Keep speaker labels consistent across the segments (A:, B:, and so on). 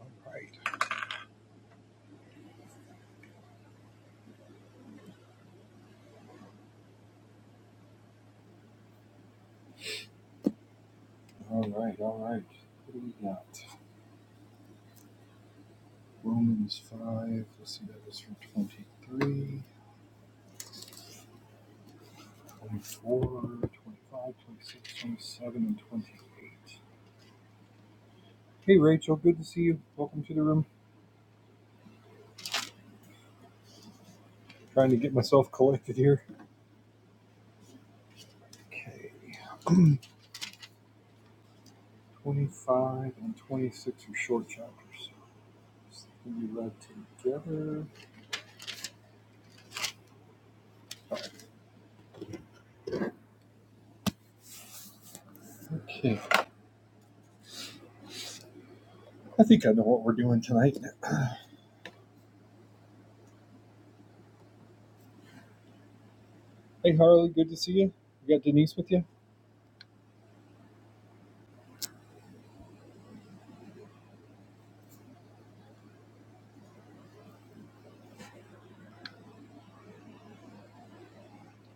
A: All right, all right, all right. What do we got? Romans 5, let's see, that was from 23, 24, 25, 26, 27, and 28. Hey, Rachel, good to see you. Welcome to the room. I'm Trying to get myself collected here. Okay, 25 and 26 are short chapters. so We read together. Okay, I think I know what we're doing tonight. Hey, Harley, good to see you. You got Denise with you?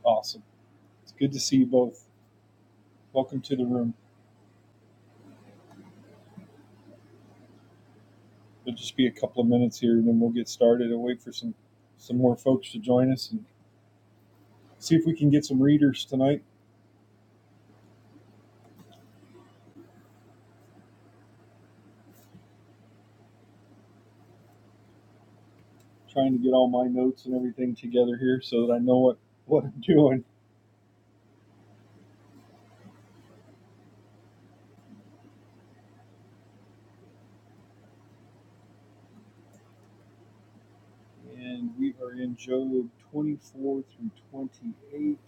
A: Awesome. It's good to see you both. Welcome to the room. It'll just be a couple of minutes here, and then we'll get started. I'll wait for some some more folks to join us and see if we can get some readers tonight. I'm trying to get all my notes and everything together here so that I know what what I'm doing. And we are in Job 24 through 28.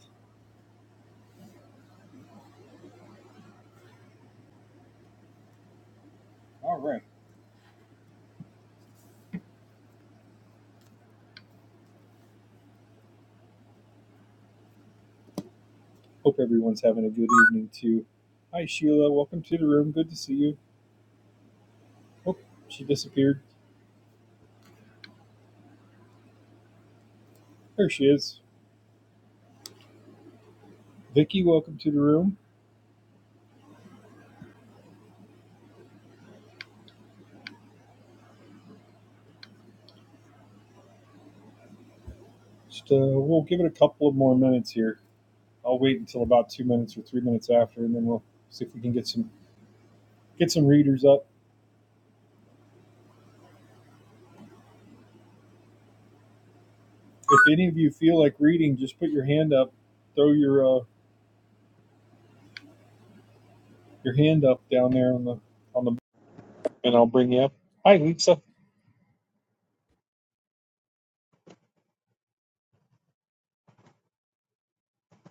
A: All right. Hope everyone's having a good evening too. Hi Sheila, welcome to the room. Good to see you. Oh, she disappeared. There she is. Vicky, welcome to the room. Just uh, we'll give it a couple of more minutes here. I'll wait until about two minutes or three minutes after, and then we'll see if we can get some get some readers up. If any of you feel like reading, just put your hand up, throw your uh, your hand up down there on the on the, and I'll bring you up. Hi, Lisa.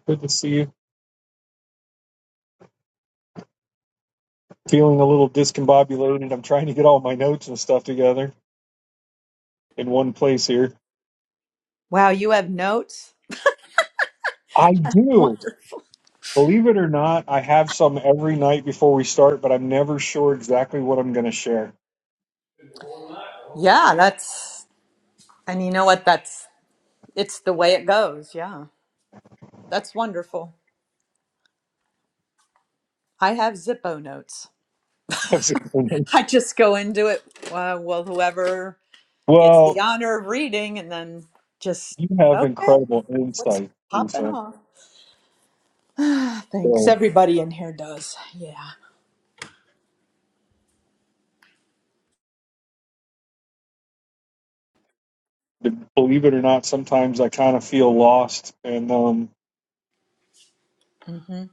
A: Good to see you. Feeling a little discombobulated. I'm trying to get all my notes and stuff together in one place here.
B: Wow, you have notes?
A: I do.
B: Wonderful.
A: Believe it or not, I have some every night before we start, but I'm never sure exactly what I'm going to share.
B: Yeah, that's, and you know what? That's, it's the way it goes. Yeah, that's wonderful. I have Zippo notes. I just go into it. Uh, well, whoever gets the
A: well,
B: honor of reading, and then just,
A: you have
B: okay,
A: incredible
B: what's
A: insight,
B: popping
A: Lisa.
B: off? Ah, Thanks.
A: So,
B: Everybody in here does. Yeah.
A: believe it or not, sometimes I kind of feel lost, and um,
B: hmm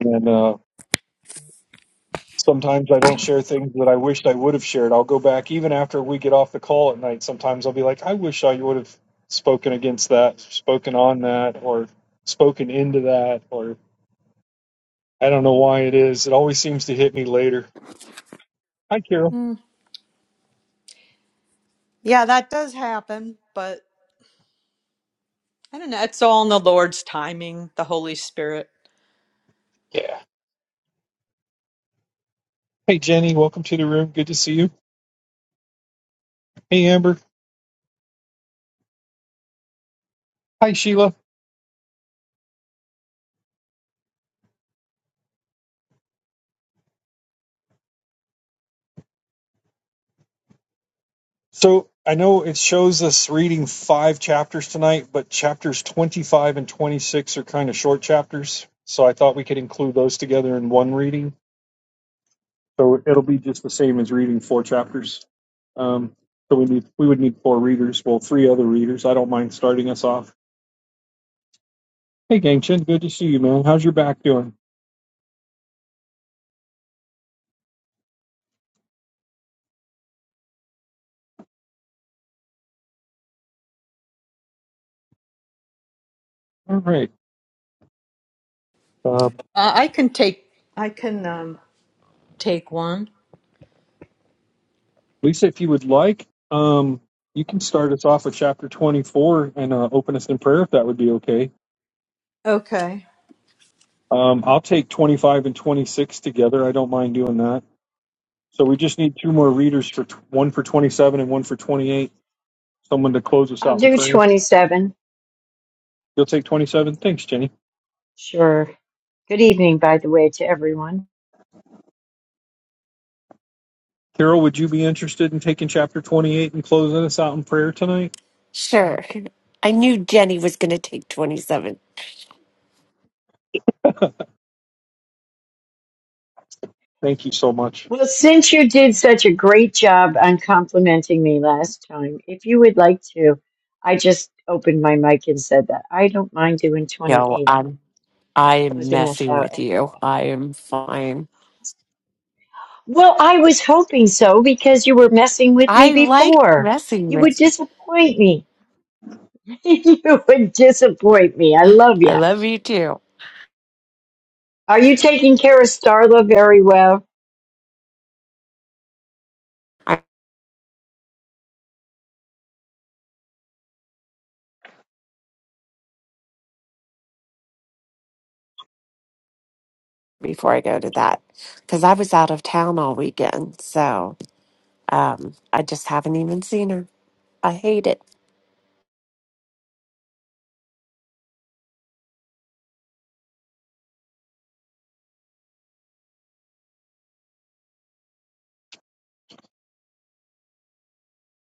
A: and uh, sometimes I don't share things that I wished I would have shared. I'll go back even after we get off the call at night. Sometimes I'll be like, I wish I would have spoken against that, spoken on that, or spoken into that, or I don't know why it is. It always seems to hit me later. Hi, Carol.
B: Mm. Yeah, that does happen, but I don't know. It's all in the Lord's timing, the Holy Spirit.
A: Hey, Jenny. Welcome to the room. Good to see you. Hey, Amber. Hi, Sheila. So I know it shows us reading five chapters tonight, but chapters 25 and 26 are kind of short chapters. So I thought we could include those together in one reading. So it'll be just the same as reading four chapters. Um, so we need we would need four readers. Well, three other readers. I don't mind starting us off. Hey, Gangchen, good to see you, man. How's your back doing? All right, uh,
B: Uh, I can take, I can. Um, Take one.
A: Lisa. If you would like, um, you can start us off with chapter 24 and uh, open us in prayer if that would be okay.
B: Okay.
A: Um, I'll take 25 and 26 together. I don't mind doing that. So we just need two more readers for one for 27 and one for 28. Someone to close us
C: I'll
A: out in
C: do
A: prayer.
C: 27.
A: You'll take 27. Thanks, Jenny.
C: Sure. Good evening, by the way, to everyone.
A: Carol, would you be interested in taking chapter 28 and closing us out in prayer tonight?
D: Sure. I knew Jenny was going to take 27.
A: Thank you so much.
C: Well, since you did such a great job on complimenting me last time, if you would like to, I just opened my mic and said that I don't mind doing
D: No,
C: 28 and
D: I'm I am
C: closing us
D: messing
C: out
D: with
C: at
D: you.
C: all.
D: I am fine.
C: Well, I was hoping so because you were messing with me
D: I like
C: before.
D: messing
C: You would
D: with you.
C: disappoint me. you would disappoint me. I love you.
D: I love you too.
C: Are you taking care of Starla very well?
D: I, before I go to that, because I was out of town all weekend, so um, I just haven't even seen her. I hate it.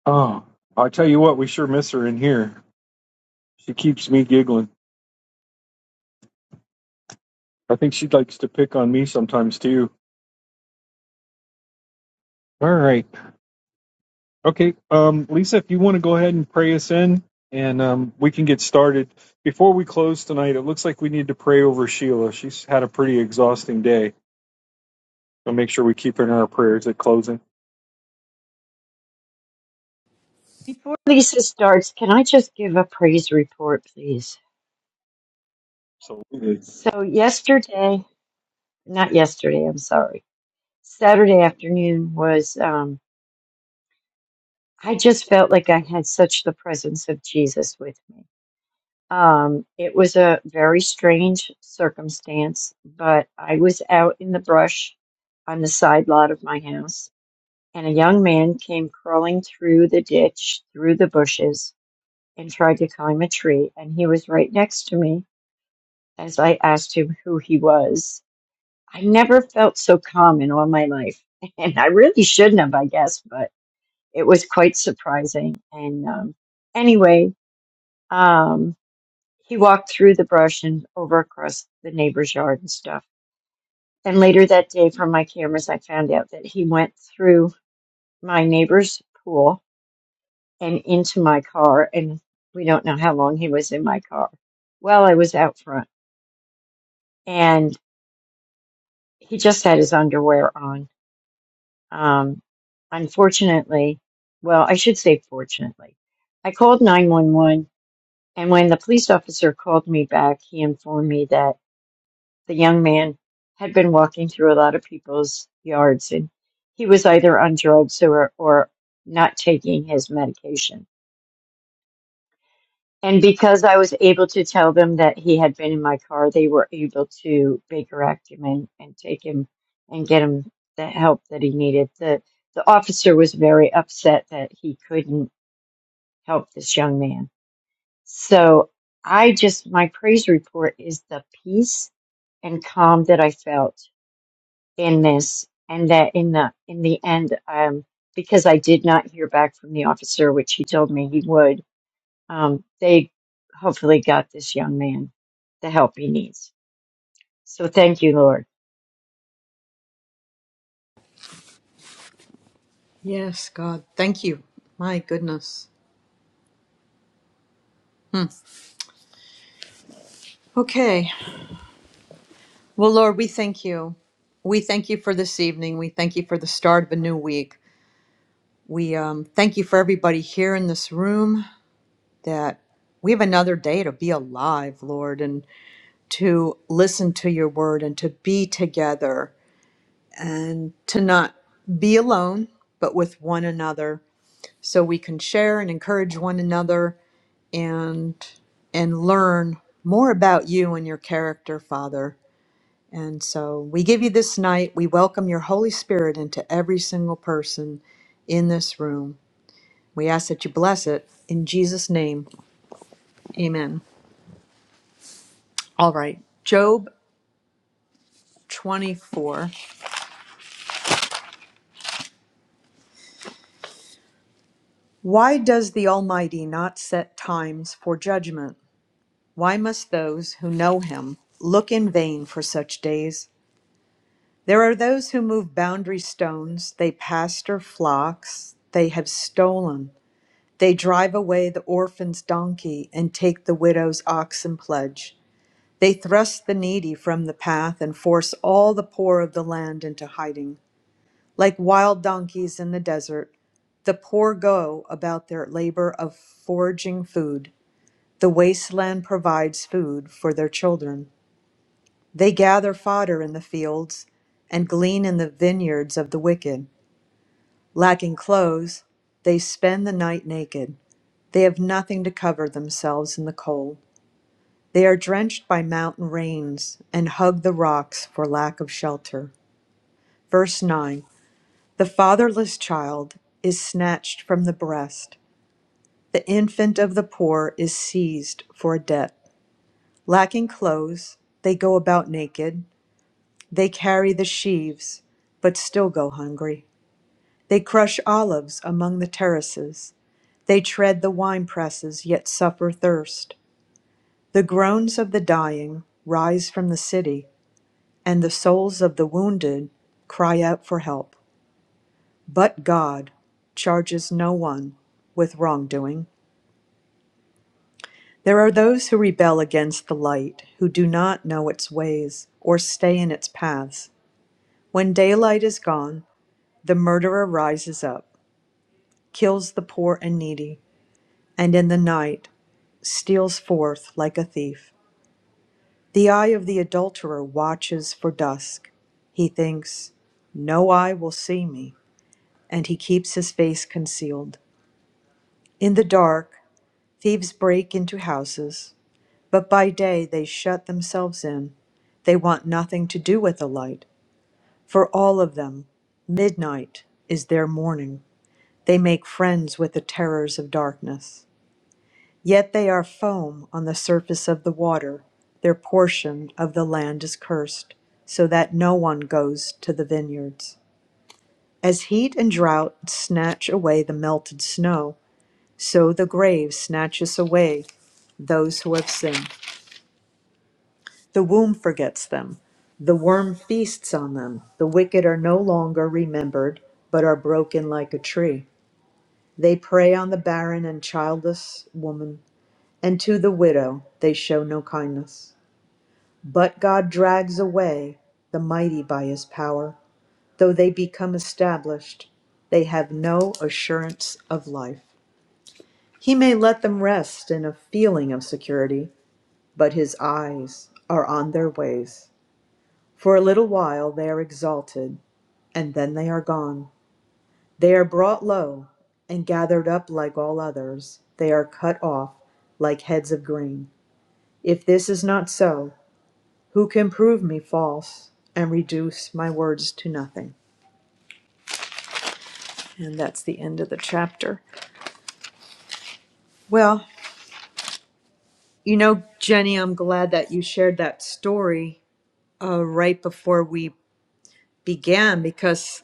A: Oh, I tell you what, we sure miss her in here. She keeps me giggling. I think she likes to pick on me sometimes too. All right. Okay, um, Lisa, if you want to go ahead and pray us in, and um, we can get started. Before we close tonight, it looks like we need to pray over Sheila. She's had a pretty exhausting day, so make sure we keep her in our prayers at closing.
C: Before Lisa starts, can I just give a praise report, please?
A: So it
C: So, yesterday, not yesterday, I'm sorry, Saturday afternoon was, um, I just felt like I had such the presence of Jesus with me. Um, it was a very strange circumstance, but I was out in the brush on the side lot of my house, and a young man came crawling through the ditch, through the bushes, and tried to climb a tree, and he was right next to me as I asked him who he was. I never felt so calm in all my life. And I really shouldn't have, I guess, but it was quite surprising. And um, anyway, um, he walked through the brush and over across the neighbor's yard and stuff. And later that day, from my cameras, I found out that he went through my neighbor's pool and into my car. And we don't know how long he was in my car. Well, I was out front and he just had his underwear on Um, unfortunately, well, I should say fortunately, I called 911 and when the police officer called me back, he informed me that the young man had been walking through a lot of people's yards and he was either on drugs or, or not taking his medication. And because I was able to tell them that he had been in my car, they were able to Baker Act him and, and take him and get him the help that he needed. The the officer was very upset that he couldn't help this young man. So I just my praise report is the peace and calm that I felt in this and that in the in the end um because I did not hear back from the officer, which he told me he would, um, they hopefully got this young man the help he needs. So thank you, Lord.
B: Yes, God. Thank you. My goodness. Okay. Well, Lord, we thank you. We thank you for this evening. We thank you for the start of a new week. We um, thank you for everybody here in this room that we have another day to be alive, Lord, and to listen to your word and to be together and to not be alone, but with one another so we can share and encourage one another and and learn more about you and your character, Father. And so we give you this night. We welcome your Holy Spirit into every single person in this room. We ask that you bless it in Jesus' name. Amen. All right. Job 24. Why does the Almighty not set times for judgment? Why must those who know him look in vain for such days? There are those who move boundary stones, they pasture flocks, they have stolen. They drive away the orphan's donkey and take the widow's oxen pledge. They thrust the needy from the path and force all the poor of the land into hiding. Like wild donkeys in the desert, the poor go about their labor of foraging food. The wasteland provides food for their children. They gather fodder in the fields and glean in the vineyards of the wicked. Lacking clothes, they spend the night naked. They have nothing to cover themselves in the cold. They are drenched by mountain rains and hug the rocks for lack of shelter. Verse 9 The fatherless child is snatched from the breast, the infant of the poor is seized for a debt. Lacking clothes, they go about naked. They carry the sheaves, but still go hungry. They crush olives among the terraces. They tread the winepresses, yet suffer thirst. The groans of the dying rise from the city, and the souls of the wounded cry out for help. But God charges no one with wrongdoing. There are those who rebel against the light, who do not know its ways or stay in its paths. When daylight is gone, the murderer rises up. kills the poor and needy, and in the night steals forth like a thief. The eye of the adulterer watches for dusk. He thinks, No eye will see me, and he keeps his face concealed. In the dark, thieves break into houses, but by day they shut themselves in. They want nothing to do with the light. For all of them, midnight is their morning. They make friends with the terrors of darkness. Yet they are foam on the surface of the water. Their portion of the land is cursed, so that no one goes to the vineyards. As heat and drought snatch away the melted snow, so the grave snatches away those who have sinned. The womb forgets them. The worm feasts on them. The wicked are no longer remembered, but are broken like a tree. They prey on the barren and childless woman, and to the widow they show no kindness. But God drags away the mighty by his power. Though they become established, they have no assurance of life. He may let them rest in a feeling of security, but his eyes are on their ways. For a little while they are exalted, and then they are gone. They are brought low and gathered up like all others. They are cut off like heads of grain. If this is not so, who can prove me false and reduce my words to nothing. And that's the end of the chapter. Well, you know, Jenny, I'm glad that you shared that story uh, right before we began because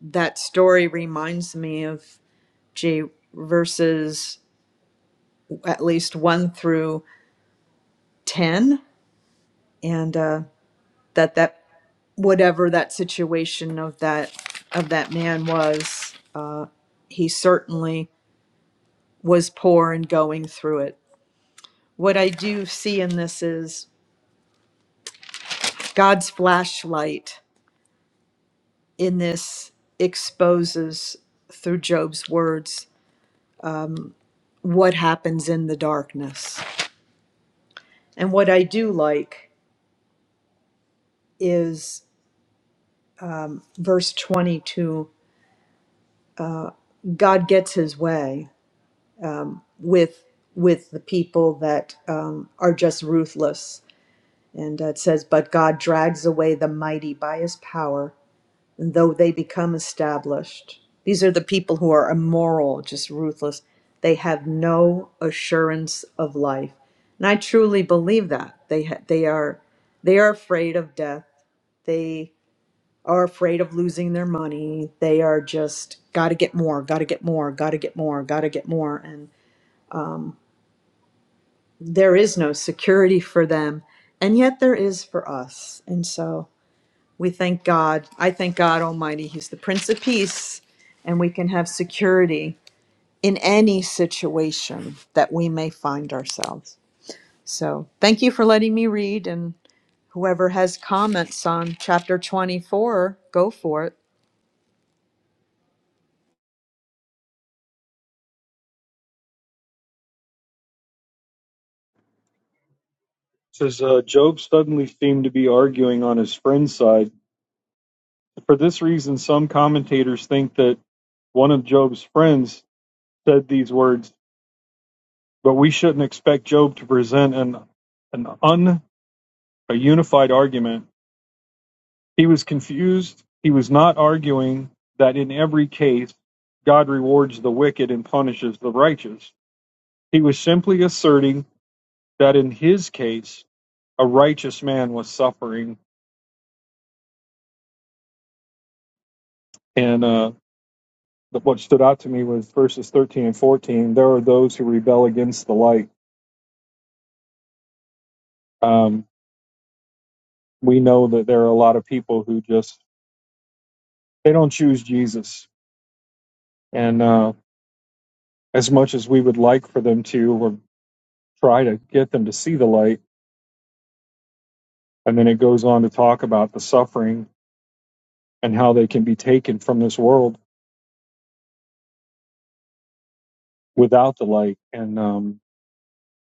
B: that story reminds me of J verses at least one through 10 and uh, that that whatever that situation of that of that man was uh, he certainly was poor and going through it. What I do see in this is God's flashlight in this exposes through Job's words what happens in the darkness. And what I do like is verse 22 God gets his way with with the people that um, are just ruthless. And uh, it says, But God drags away the mighty by his power though they become established. These are the people who are immoral, just ruthless. They have no assurance of life. And I truly believe that. They ha- they are they are afraid of death. They are afraid of losing their money. They are just got to get more, got to get more, got to get more, got to get more and there is no security for them. And yet there is for us. And so We thank God. I thank God Almighty. He's the Prince of Peace, and we can have security in any situation that we may find ourselves. So, thank you for letting me read. And whoever has comments on chapter 24, go for it.
A: says uh, Job suddenly seemed to be arguing on his friend's side. For this reason, some commentators think that one of Job's friends said these words, but we shouldn't expect Job to present an an un a unified argument He was confused. He was not arguing that in every case, God rewards the wicked and punishes the righteous. He was simply asserting that in his case, a righteous man was suffering. And uh, what stood out to me was verses 13 and 14. There are those who rebel against the light. Um, we know that there are a lot of people who just they don't choose Jesus. And uh, as much as we would like for them to, or try to get them to see the light And then it goes on to talk about the suffering and how they can be taken from this world without the light. And um,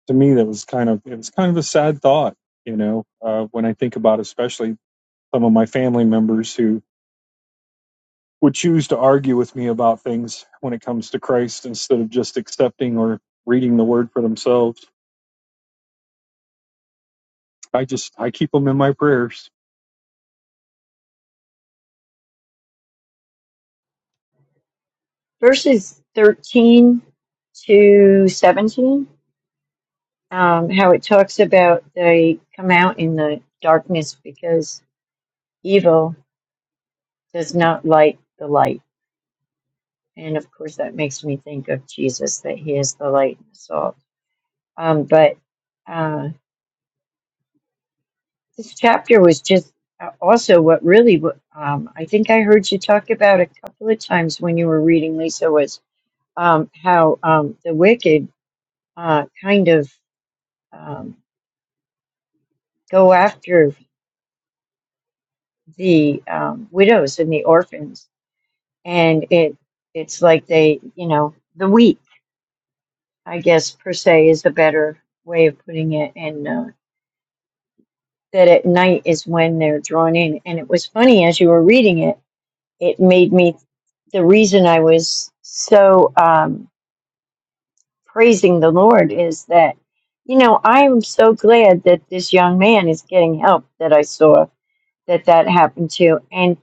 A: to me, that was kind of it was kind of a sad thought, you know, uh, when I think about especially some of my family members who would choose to argue with me about things when it comes to Christ instead of just accepting or reading the Word for themselves. I just I keep them in my prayers.
C: Verses 13 to 17, um, how it talks about they come out in the darkness because evil does not light the light. And of course, that makes me think of Jesus, that he is the light and the salt. Um, but uh, This chapter was just uh, also what really, w- um, I think I heard you talk about a couple of times when you were reading, Lisa, was um, how um, the wicked uh, kind of um, go after the um, widows and the orphans. And it it's like they, you know, the weak, I guess, per se, is a better way of putting it. And uh, that at night is when they're drawn in. And it was funny as you were reading it, it made me the reason I was so um, praising the Lord is that, you know, I am so glad that this young man is getting help that I saw that that happened to. And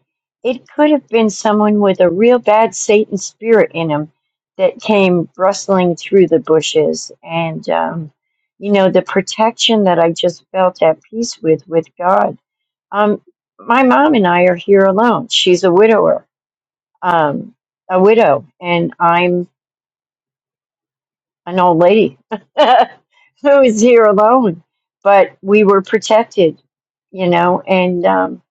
C: it could have been someone with a real bad Satan spirit in him that came rustling through the bushes. And, um, you know, the protection that I just felt at peace with, with God. Um, my mom and I are here alone. She's a widower. Um, a widow and I'm an old lady who was here alone, but we were protected, you know, and um,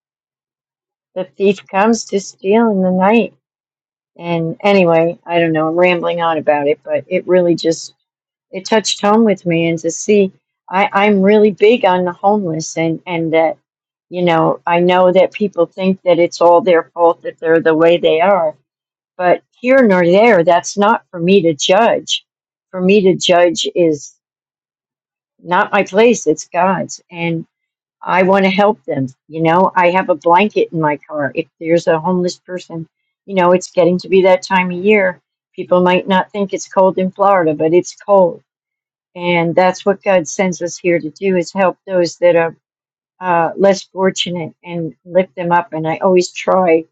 C: the thief comes to steal in the night. And anyway, I don't know, I'm rambling on about it, but it really just it touched home with me and to see I, I'm really big on the homeless and, and that, you know, I know that people think that it's all their fault that they're the way they are. But here nor there, that's not for me to judge. For me to judge is not my place, it's God's. And I want to help them. You know, I have a blanket in my car. If there's a homeless person, you know, it's getting to be that time of year. People might not think it's cold in Florida, but it's cold. And that's what God sends us here to do is help those that are uh, less fortunate and lift them up. And I always try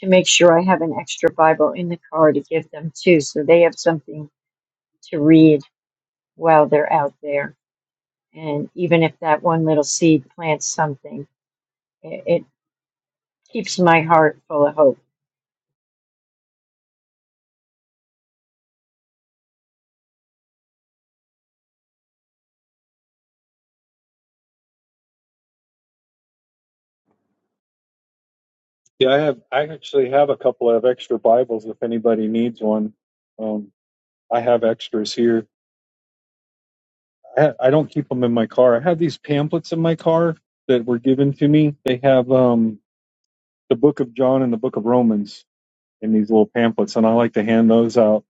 C: to make sure I have an extra Bible in the car to give them too, so they have something to read while they're out there. And even if that one little seed plants something, it, it keeps my heart full of hope.
A: Yeah, I have. I actually have a couple of extra Bibles if anybody needs one. Um, I have extras here I, ha- I don't keep them in my car. I have these pamphlets in my car that were given to me. They have um, the Book of John and the Book of Romans in these little pamphlets, and I like to hand those out,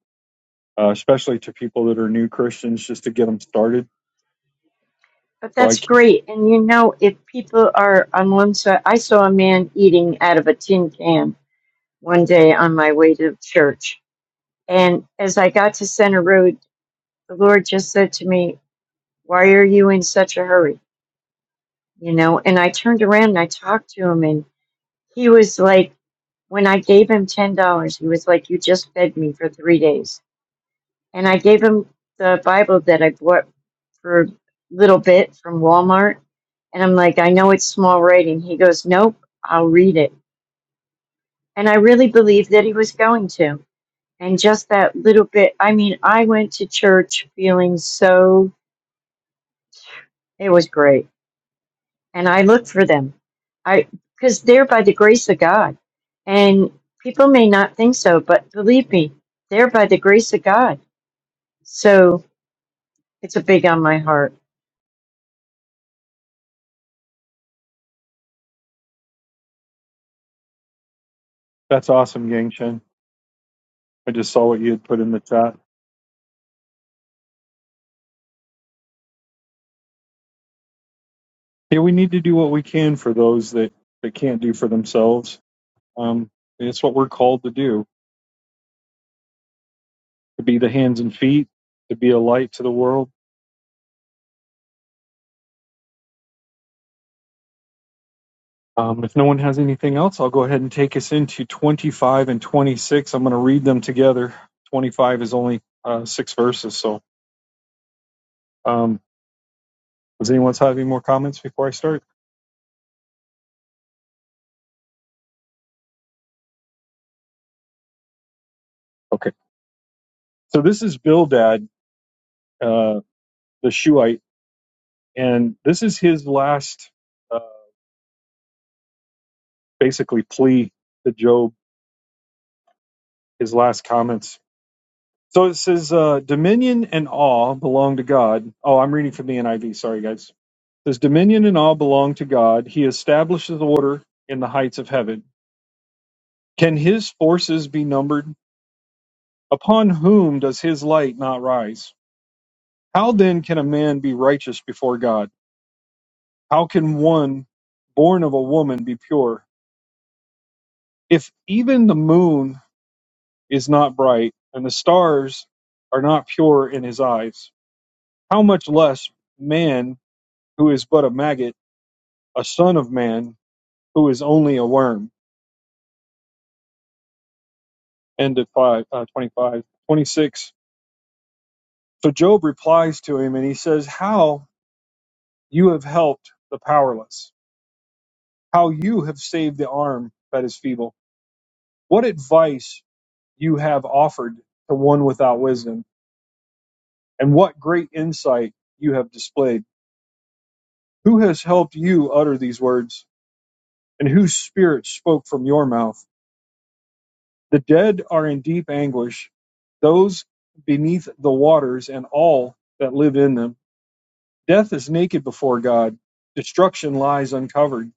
A: uh, especially to people that are new Christians, just to get them started.
C: But
A: So I
C: that's
A: keep,
C: great. And you know, if people are on one side, I saw a man eating out of a tin can one day on my way to church. And as I got to Center Road, the Lord just said to me, Why are you in such a hurry? You know, and I turned around and I talked to him, and he was like, When I gave him $10, he was like, You just fed me for three days and I gave him the Bible that I bought for a little bit from Walmart. And I'm like, I know it's small writing. He goes, Nope, I'll read it. And I really believed that he was going to. And just that little bit, I mean, I went to church feeling so, it was great. And I look for them. I, because they're by the grace of God. And people may not think so, but believe me, they're by the grace of God. So it's a big on my heart.
A: that's awesome, Yang Chen. I just saw what you had put in the chat. Yeah, we need to do what we can for those that that can't do for themselves. Um, it's what we're called to do: to be the hands and feet, to be a light to the world Um, if no one has anything else, I'll go ahead and take us into 25 and 26. I'm going to read them together. 25 is only uh, six verses. So, um, does anyone have any more comments before I start? Okay. So, this is Bildad, uh, the Shuhite, and this is his last uh, basically plea to Job, his last comments. So, it says, uh, Dominion and awe belong to God. Oh, I'm reading from the NIV. Sorry, guys. His dominion and all belong to God. He establishes order in the heights of heaven. Can his forces be numbered? Upon whom does his light not rise? How then can a man be righteous before God? How can one born of a woman be pure? If even the moon is not bright and the stars are not pure in his eyes, how much less man who is but a maggot, a son of man who is only a worm? End of five, uh, 25. 26. So Job replies to him and he says, How you have helped the powerless, how you have saved the arm that is feeble, what advice you have offered to one without wisdom, and what great insight you have displayed. Who has helped you utter these words, and whose spirit spoke from your mouth? The dead are in deep anguish, those beneath the waters and all that live in them. Death is naked before God, destruction lies uncovered.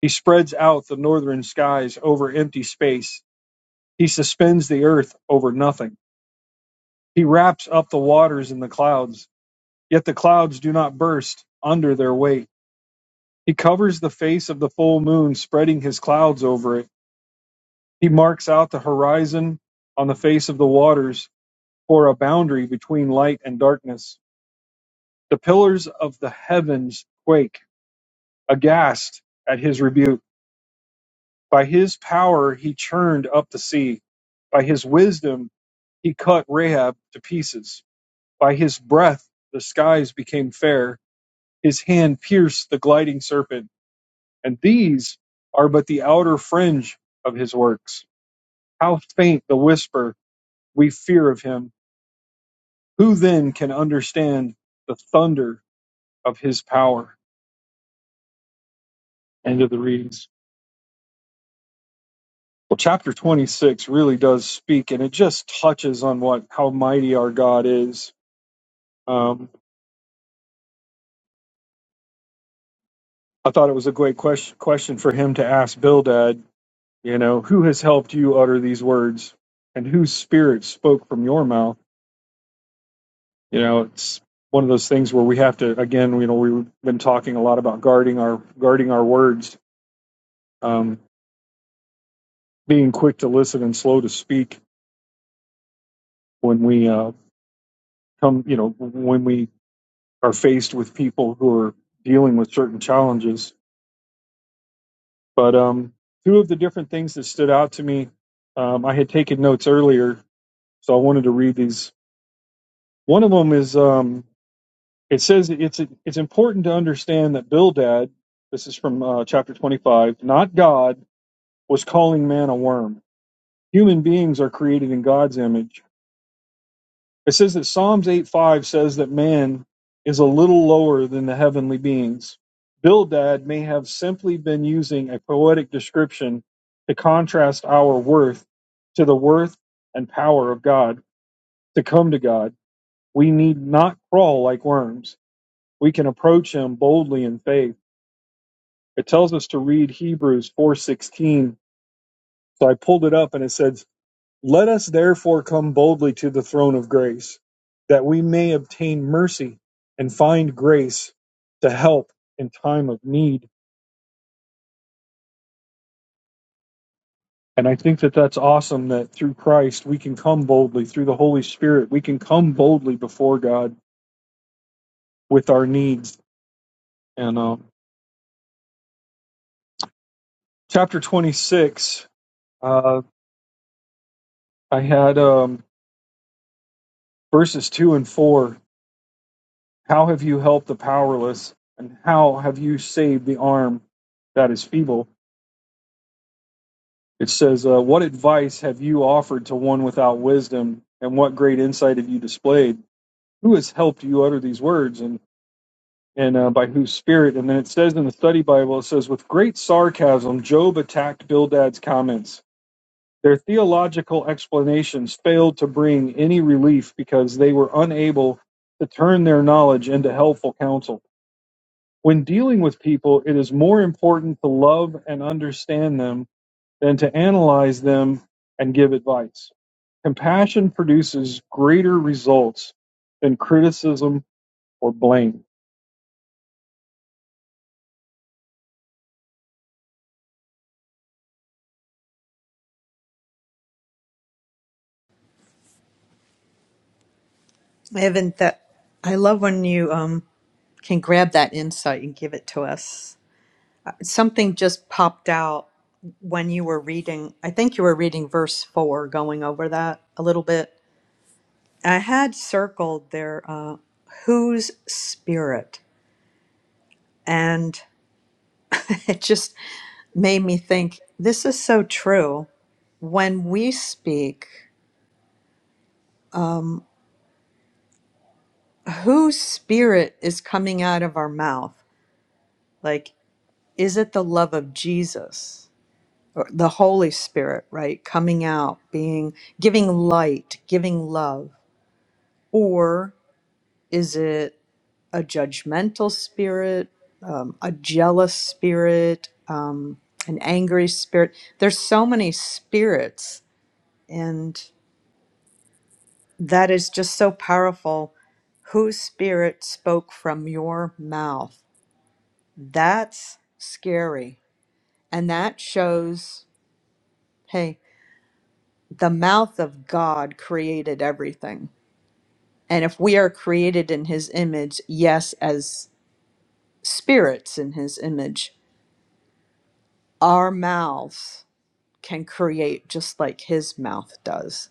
A: He spreads out the northern skies over empty space. He suspends the earth over nothing. He wraps up the waters in the clouds, yet the clouds do not burst under their weight. He covers the face of the full moon, spreading his clouds over it. He marks out the horizon on the face of the waters for a boundary between light and darkness. The pillars of the heavens quake, aghast at his rebuke. By his power he churned up the sea. By his wisdom He cut Rahab to pieces. By his breath the skies became fair. His hand pierced the gliding serpent. And these are but the outer fringe of his works. How faint the whisper we fear of him. Who then can understand the thunder of his power? End of the readings. Well, chapter 26 really does speak, and it just touches on what how mighty our God is. Um, I thought it was a great question, question for him to ask Bildad You know, who has helped you utter these words and whose spirit spoke from your mouth? You know, it's one of those things where we have to, again, you know, we've been talking a lot about guarding our, guarding our words, um, being quick to listen and slow to speak when we, uh, come, you know, when we are faced with people who are dealing with certain challenges. But, um, two of the different things that stood out to me, um, I had taken notes earlier, so I wanted to read these. One of them is, um, It says it's it's important to understand that Bildad, this is from uh, chapter 25, not God, was calling man a worm. Human beings are created in God's image. It says that Psalms eight five says that man is a little lower than the heavenly beings. Bildad may have simply been using a poetic description to contrast our worth to the worth and power of God. To come to God, we need not crawl like worms. We can approach him boldly in faith It tells us to read Hebrews 4:16. So I pulled it up and it says, "Let us therefore come boldly to the throne of grace, that we may obtain mercy and find grace to help in time of need." And I think that that's awesome that through Christ we can come boldly through the Holy Spirit. We can come boldly before God with our needs. And uh, chapter 26, uh, I had um, verses 2 and 4 How have you helped the powerless, and how have you saved the arm that is feeble? It says, uh, What advice have you offered to one without wisdom, and what great insight have you displayed? Who has helped you utter these words, and, and uh, by whose spirit? And then it says in the study Bible, it says, With great sarcasm, Job attacked Bildad's comments. Their theological explanations failed to bring any relief because they were unable to turn their knowledge into helpful counsel. When dealing with people, it is more important to love and understand them than to analyze them and give advice. Compassion produces greater results than criticism or blame.
B: I haven't that. I love when you um, can grab that insight and give it to us. Something just popped out when you were reading. I think you were reading verse four, going over that a little bit I had circled their uh, whose spirit, and it just made me think this is so true. When we speak, whose spirit is coming out of our mouth? Like, is it the love of Jesus or the Holy Spirit, right? Coming out, being giving light, giving love, or is it? a judgmental spirit, um, a jealous spirit, um, an angry spirit. There's so many spirits, and that is just so powerful. Whose spirit spoke from your mouth? That's scary. And that shows hey, the mouth of God created everything. And if we are created in his image, yes, as spirits in his image, our mouths can create just like his mouth does.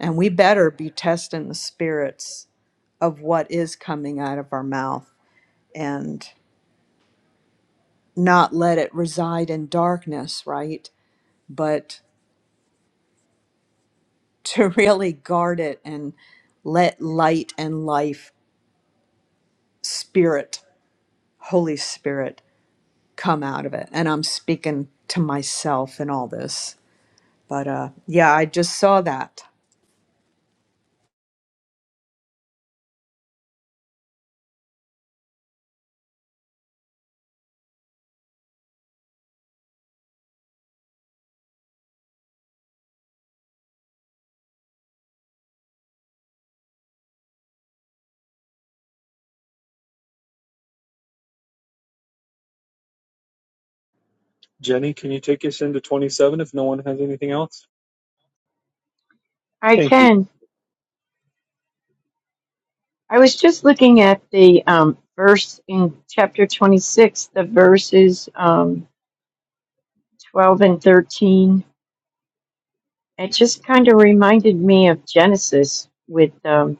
B: And we better be testing the spirits of what is coming out of our mouth and not let it reside in darkness, right? But to really guard it and let light and life, spirit, Holy Spirit, come out of it. And I'm speaking to myself in all this. But uh, yeah, I just saw that.
A: Jenny, can you take us into 27 if no one has anything else?
C: I
A: Thank you.
C: can. I was just looking at the um, verse in chapter 26, the verses um, 12 and 13. It just kind of reminded me of Genesis with um,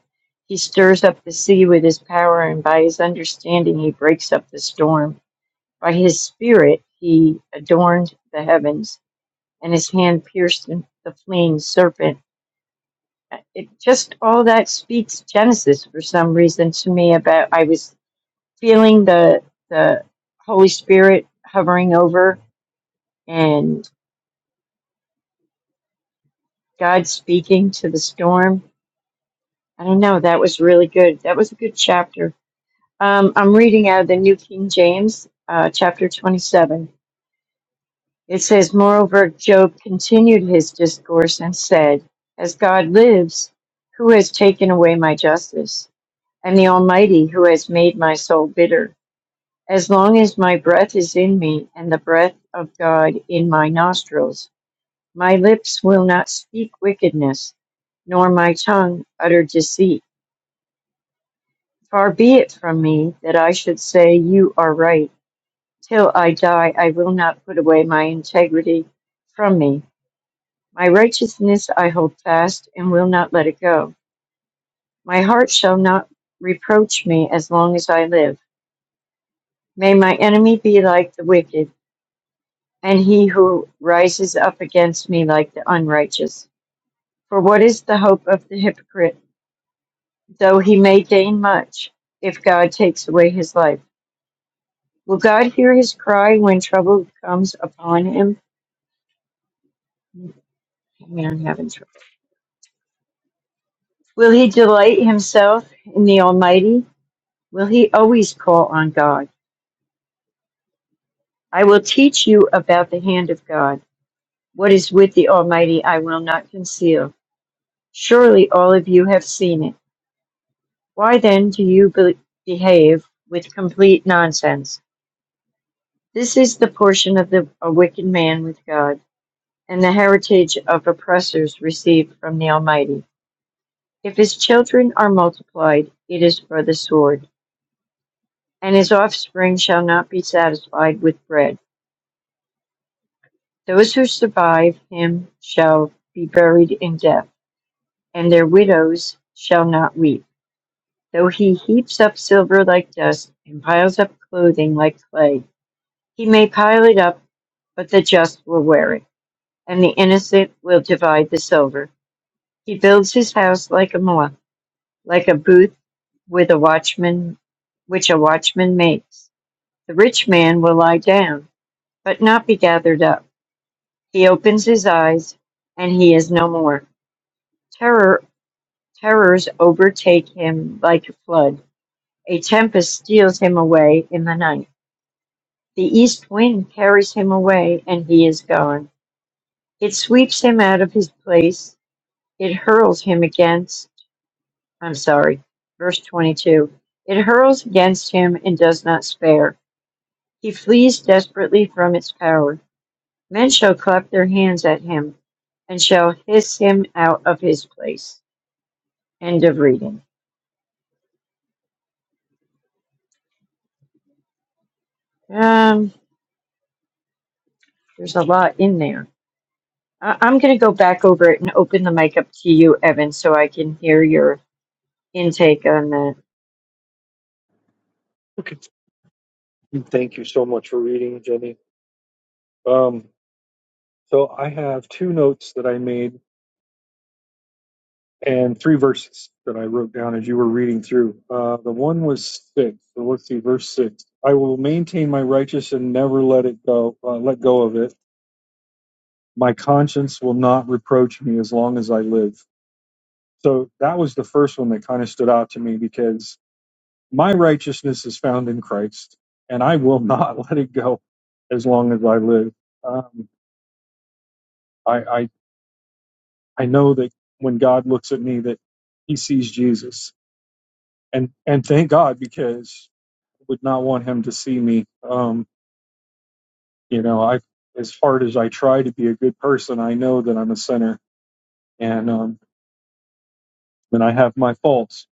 C: he stirs up the sea with his power, and by his understanding, he breaks up the storm. By his spirit, he adorned the heavens, and his hand pierced the fleeing serpent. It just all that speaks Genesis for some reason to me about. I was feeling the the Holy Spirit hovering over and God speaking to the storm. I don't know. That was really good. That was a good chapter. Um, I'm reading out of the New King James, uh, chapter 27. It says, Moreover, Job continued his discourse and said, 'As God lives, who has taken away my justice, and the Almighty who has made my soul bitter. As long as my breath is in me and the breath of God in my nostrils, My lips will not speak wickedness, nor my tongue utter deceit. Far be it from me that I should say, You are right. Till I die, I will not put away my integrity from me. My righteousness I hold fast and will not let it go. My heart shall not reproach me as long as I live. May my enemy be like the wicked, and he who rises up against me like the unrighteous. For what is the hope of the hypocrite? though he may gain much if God takes away his life. Will God hear his cry when trouble comes upon him? Man, I'm having trouble. Will he delight himself in the Almighty? Will he always call on God? I will teach you about the hand of God. What is with the Almighty I will not conceal. Surely all of you have seen it. Why then do you be- behave with complete nonsense? This is the portion of the a wicked man with God. and the heritage of oppressors received from the Almighty. If his children are multiplied, it is for the sword, and his offspring shall not be satisfied with bread. Those who survive him shall be buried in death, and their widows shall not weep. Though he heaps up silver like dust and piles up clothing like clay, he may pile it up, but the just will wear it, and the innocent will divide the silver. He builds his house like a mollusc, like a booth with a watchman, which a watchman makes. The rich man will lie down, but not be gathered up. He opens his eyes, and he is no more. Terror, terrors overtake him like a flood. A tempest steals him away in the night. The east wind carries him away, and he is gone. It sweeps him out of his place. It hurls him against, I'm sorry, verse 22. It hurls against him and does not spare. He flees desperately from its power. Men shall clap their hands at him and shall hiss him out of his place. End of reading. Um, there's a lot in there. I- I'm going to go back over it and open the mic up to you, Evan, so I can hear your intake on that.
A: Okay. Thank you so much for reading, Jenny. Um, so I have two notes that I made and three verses that I wrote down as you were reading through. Uh, the one was six. So let's see, verse six. I will maintain my righteousness and never let it go. Uh, let go of it. My conscience will not reproach me as long as I live. So that was the first one that kind of stood out to me because my righteousness is found in Christ, and I will not let it go as long as I live. Um, I, I I know that when God looks at me, that He sees Jesus, and and thank God because would not want him to see me. Um, you know, I as hard as I try to be a good person, I know that I'm a sinner and um, and I have my faults.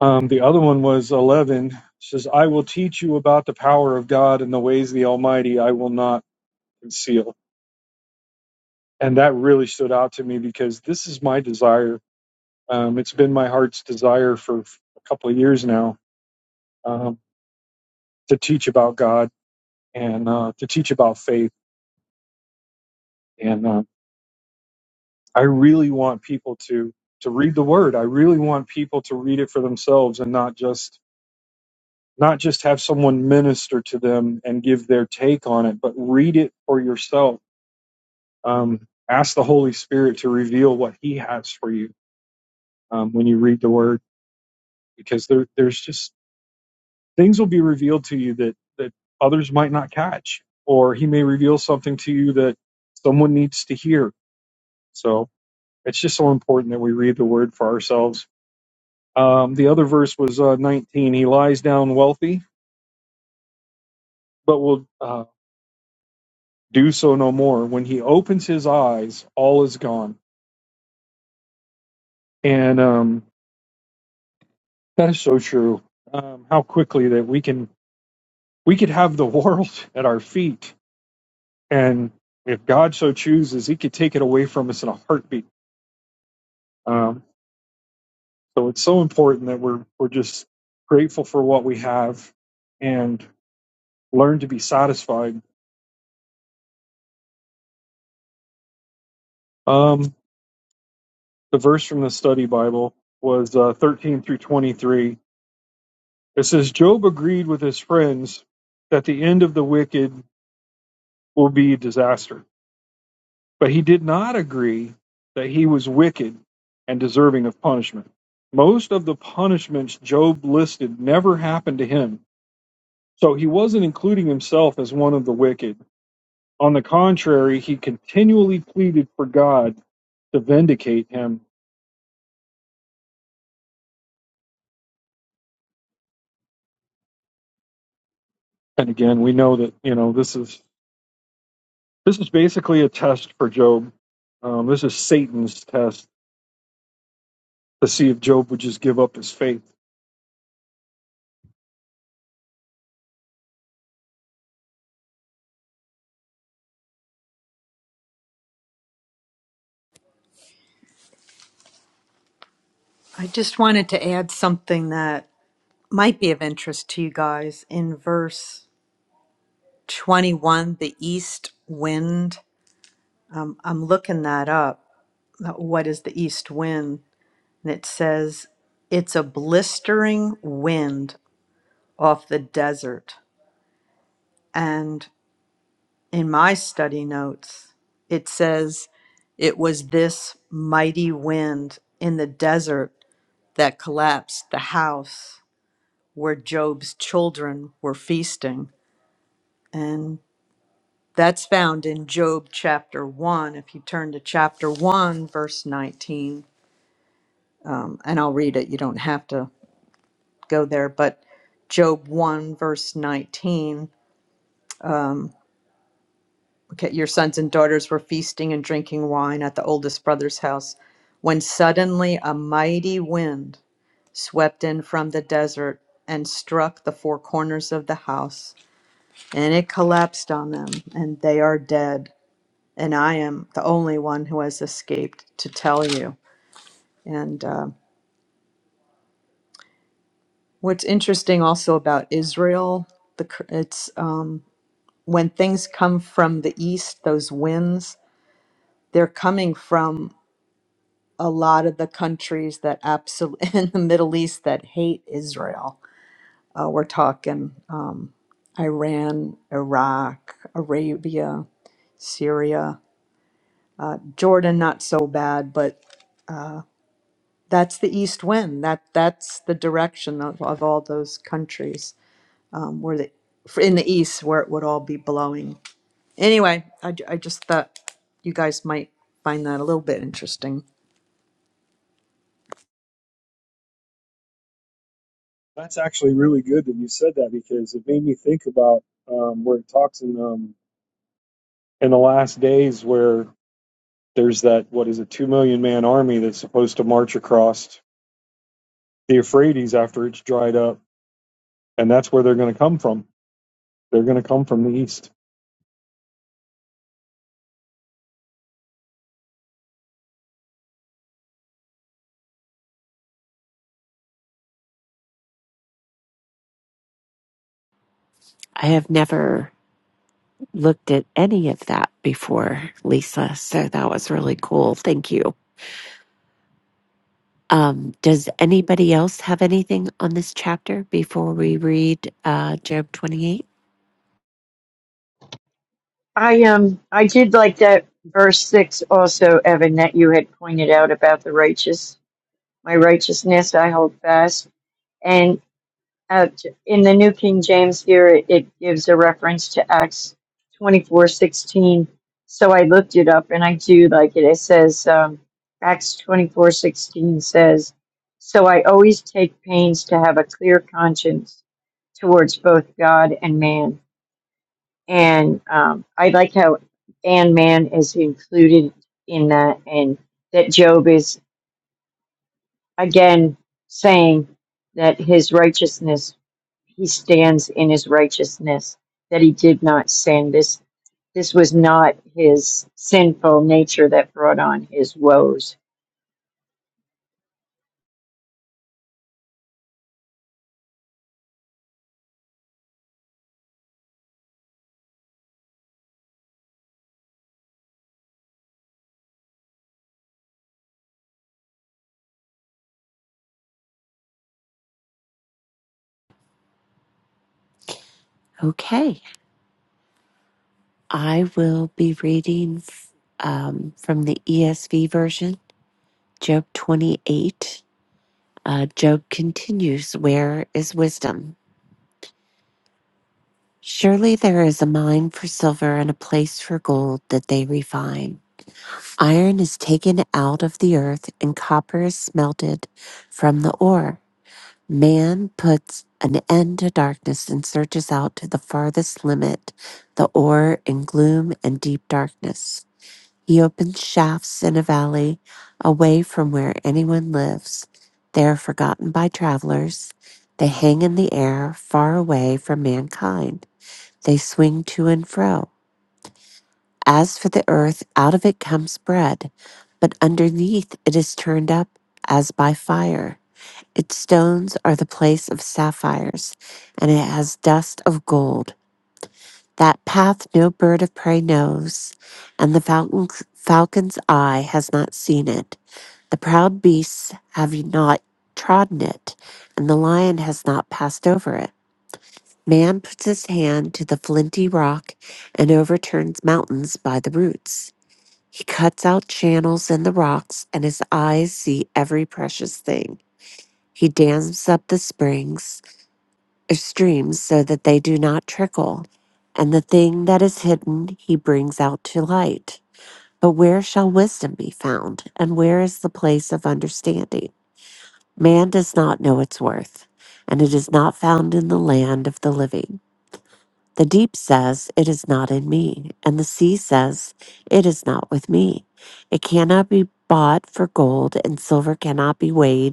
A: Um, the other one was eleven. It says, "I will teach you about the power of God and the ways of the Almighty. I will not conceal." And that really stood out to me because this is my desire. Um, it's been my heart's desire for a couple of years now um, to teach about God and uh, to teach about faith. And um, I really want people to to read the word. I really want people to read it for themselves and not just not just have someone minister to them and give their take on it, but read it for yourself. Um, ask the Holy Spirit to reveal what He has for you um, when you read the word, because there, there's just things will be revealed to you that that others might not catch, or He may reveal something to you that someone needs to hear. So it's just so important that we read the word for ourselves Um, the other verse was uh, 19. He lies down wealthy, but will uh, do so no more. When he opens his eyes, all is gone. And um, that is so true. Um, how quickly that we can we could have the world at our feet, and if God so chooses, He could take it away from us in a heartbeat. Um, so it's so important that we're we're just grateful for what we have and learn to be satisfied. Um, The verse from the study Bible was uh, 13 through 23. It says, Job agreed with his friends that the end of the wicked will be disaster, but he did not agree that he was wicked and deserving of punishment. Most of the punishments Job listed never happened to him, so he wasn't including himself as one of the wicked. On the contrary, he continually pleaded for God to vindicate him. And again, we know that, you know, this is This is basically a test for Job. Um, this is Satan's test to see if Job would just give up his faith.
B: I just wanted to add something that might be of interest to you guys in verse 21 the east wind um, i'm looking that up uh, what is the east wind and it says it's a blistering wind off the desert and in my study notes it says it was this mighty wind in the desert that collapsed the house where job's children were feasting And That's found in Job chapter 1. If you turn to chapter 1, verse 19, um, and I'll read it, you don't have to go there, but Job 1, verse 19. Okay, your sons and daughters were feasting and drinking wine at the oldest brother's house when suddenly a mighty wind swept in from the desert and struck the four corners of the house, and it collapsed on them, and they are dead. And I am the only one who has escaped to tell you. And uh, what's interesting also about Israel, the cur- it's um, when things come from the east, those winds, they're coming from a lot of the countries that absolutely in the Middle East that hate Israel. Uh, we're talking um, Iran, Iraq, Arabia, Syria, Jordan, not so bad, but that's the east wind. That that's the direction of, of all those countries. um, where the in the east where it would all be blowing. Anyway, I, I just thought you guys might find that a little bit interesting.
A: That's actually really good that you said that because it made me think about um, where it talks in um, in the last days where there's that what is a two million man army that's supposed to march across the Euphrates after it's dried up, and that's where they're going to come from. They're going to come from the east.
D: I have never looked at any of that before, Lisa. So that was really cool. Thank you. Um, does anybody else have anything on this chapter before we read uh, Job 28?
C: I um I did like that verse six also, Evan, that you had pointed out about the righteous. My righteousness I hold fast, and. Uh, in the New King James here, it, it gives a reference to Acts twenty four sixteen. So I looked it up and I do like it. It says, um, Acts twenty four sixteen says, So I always take pains to have a clear conscience towards both God and man. And um, I like how and man is included in that, and that Job is again saying that his righteousness he stands in his righteousness that he did not sin this this was not his sinful nature that brought on his woes
D: Okay, I will be reading um, from the ESV version, Job 28. Uh, Job continues, Where is wisdom? Surely there is a mine for silver and a place for gold that they refine. Iron is taken out of the earth and copper is smelted from the ore. Man puts an end to darkness and searches out to the farthest limit the ore in gloom and deep darkness. He opens shafts in a valley away from where anyone lives. They are forgotten by travelers. They hang in the air far away from mankind. They swing to and fro. As for the earth, out of it comes bread, but underneath it is turned up as by fire. Its stones are the place of sapphires, and it has dust of gold. That path no bird of prey knows, and the falcon's, falcon's eye has not seen it. The proud beasts have not trodden it, and the lion has not passed over it. Man puts his hand to the flinty rock and overturns mountains by the roots. He cuts out channels in the rocks, and his eyes see every precious thing. He dams up the springs streams so that they do not trickle, and the thing that is hidden he brings out to light. But where shall wisdom be found, and where is the place of understanding? Man does not know its worth, and it is not found in the land of the living. The deep says, It is not in me, and the sea says, It is not with me. It cannot be bought for gold, and silver cannot be weighed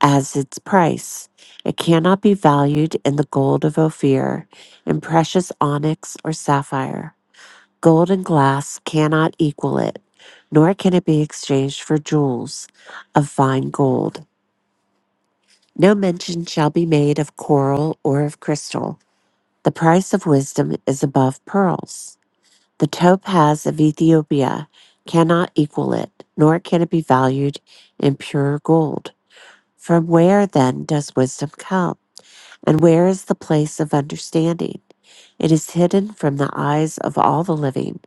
D: as its price. It cannot be valued in the gold of Ophir, in precious onyx or sapphire. Gold and glass cannot equal it, nor can it be exchanged for jewels of fine gold. No mention shall be made of coral or of crystal. The price of wisdom is above pearls. The topaz of Ethiopia cannot equal it, nor can it be valued in pure gold. From where then does wisdom come? And where is the place of understanding? It is hidden from the eyes of all the living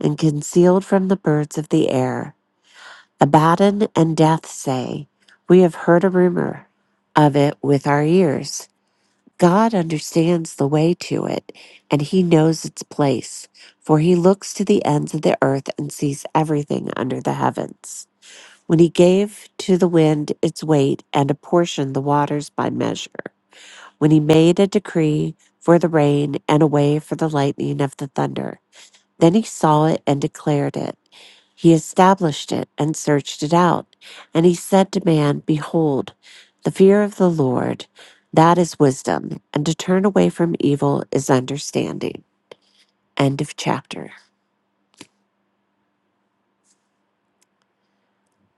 D: and concealed from the birds of the air. Abaddon and death say, We have heard a rumor of it with our ears. God understands the way to it, and he knows its place, for he looks to the ends of the earth and sees everything under the heavens. When he gave to the wind its weight and apportioned the waters by measure, when he made a decree for the rain and a way for the lightning of the thunder. Then he saw it and declared it. He established it and searched it out. And he said to man, Behold, the fear of the Lord, that is wisdom, and to turn away from evil is understanding. End of chapter.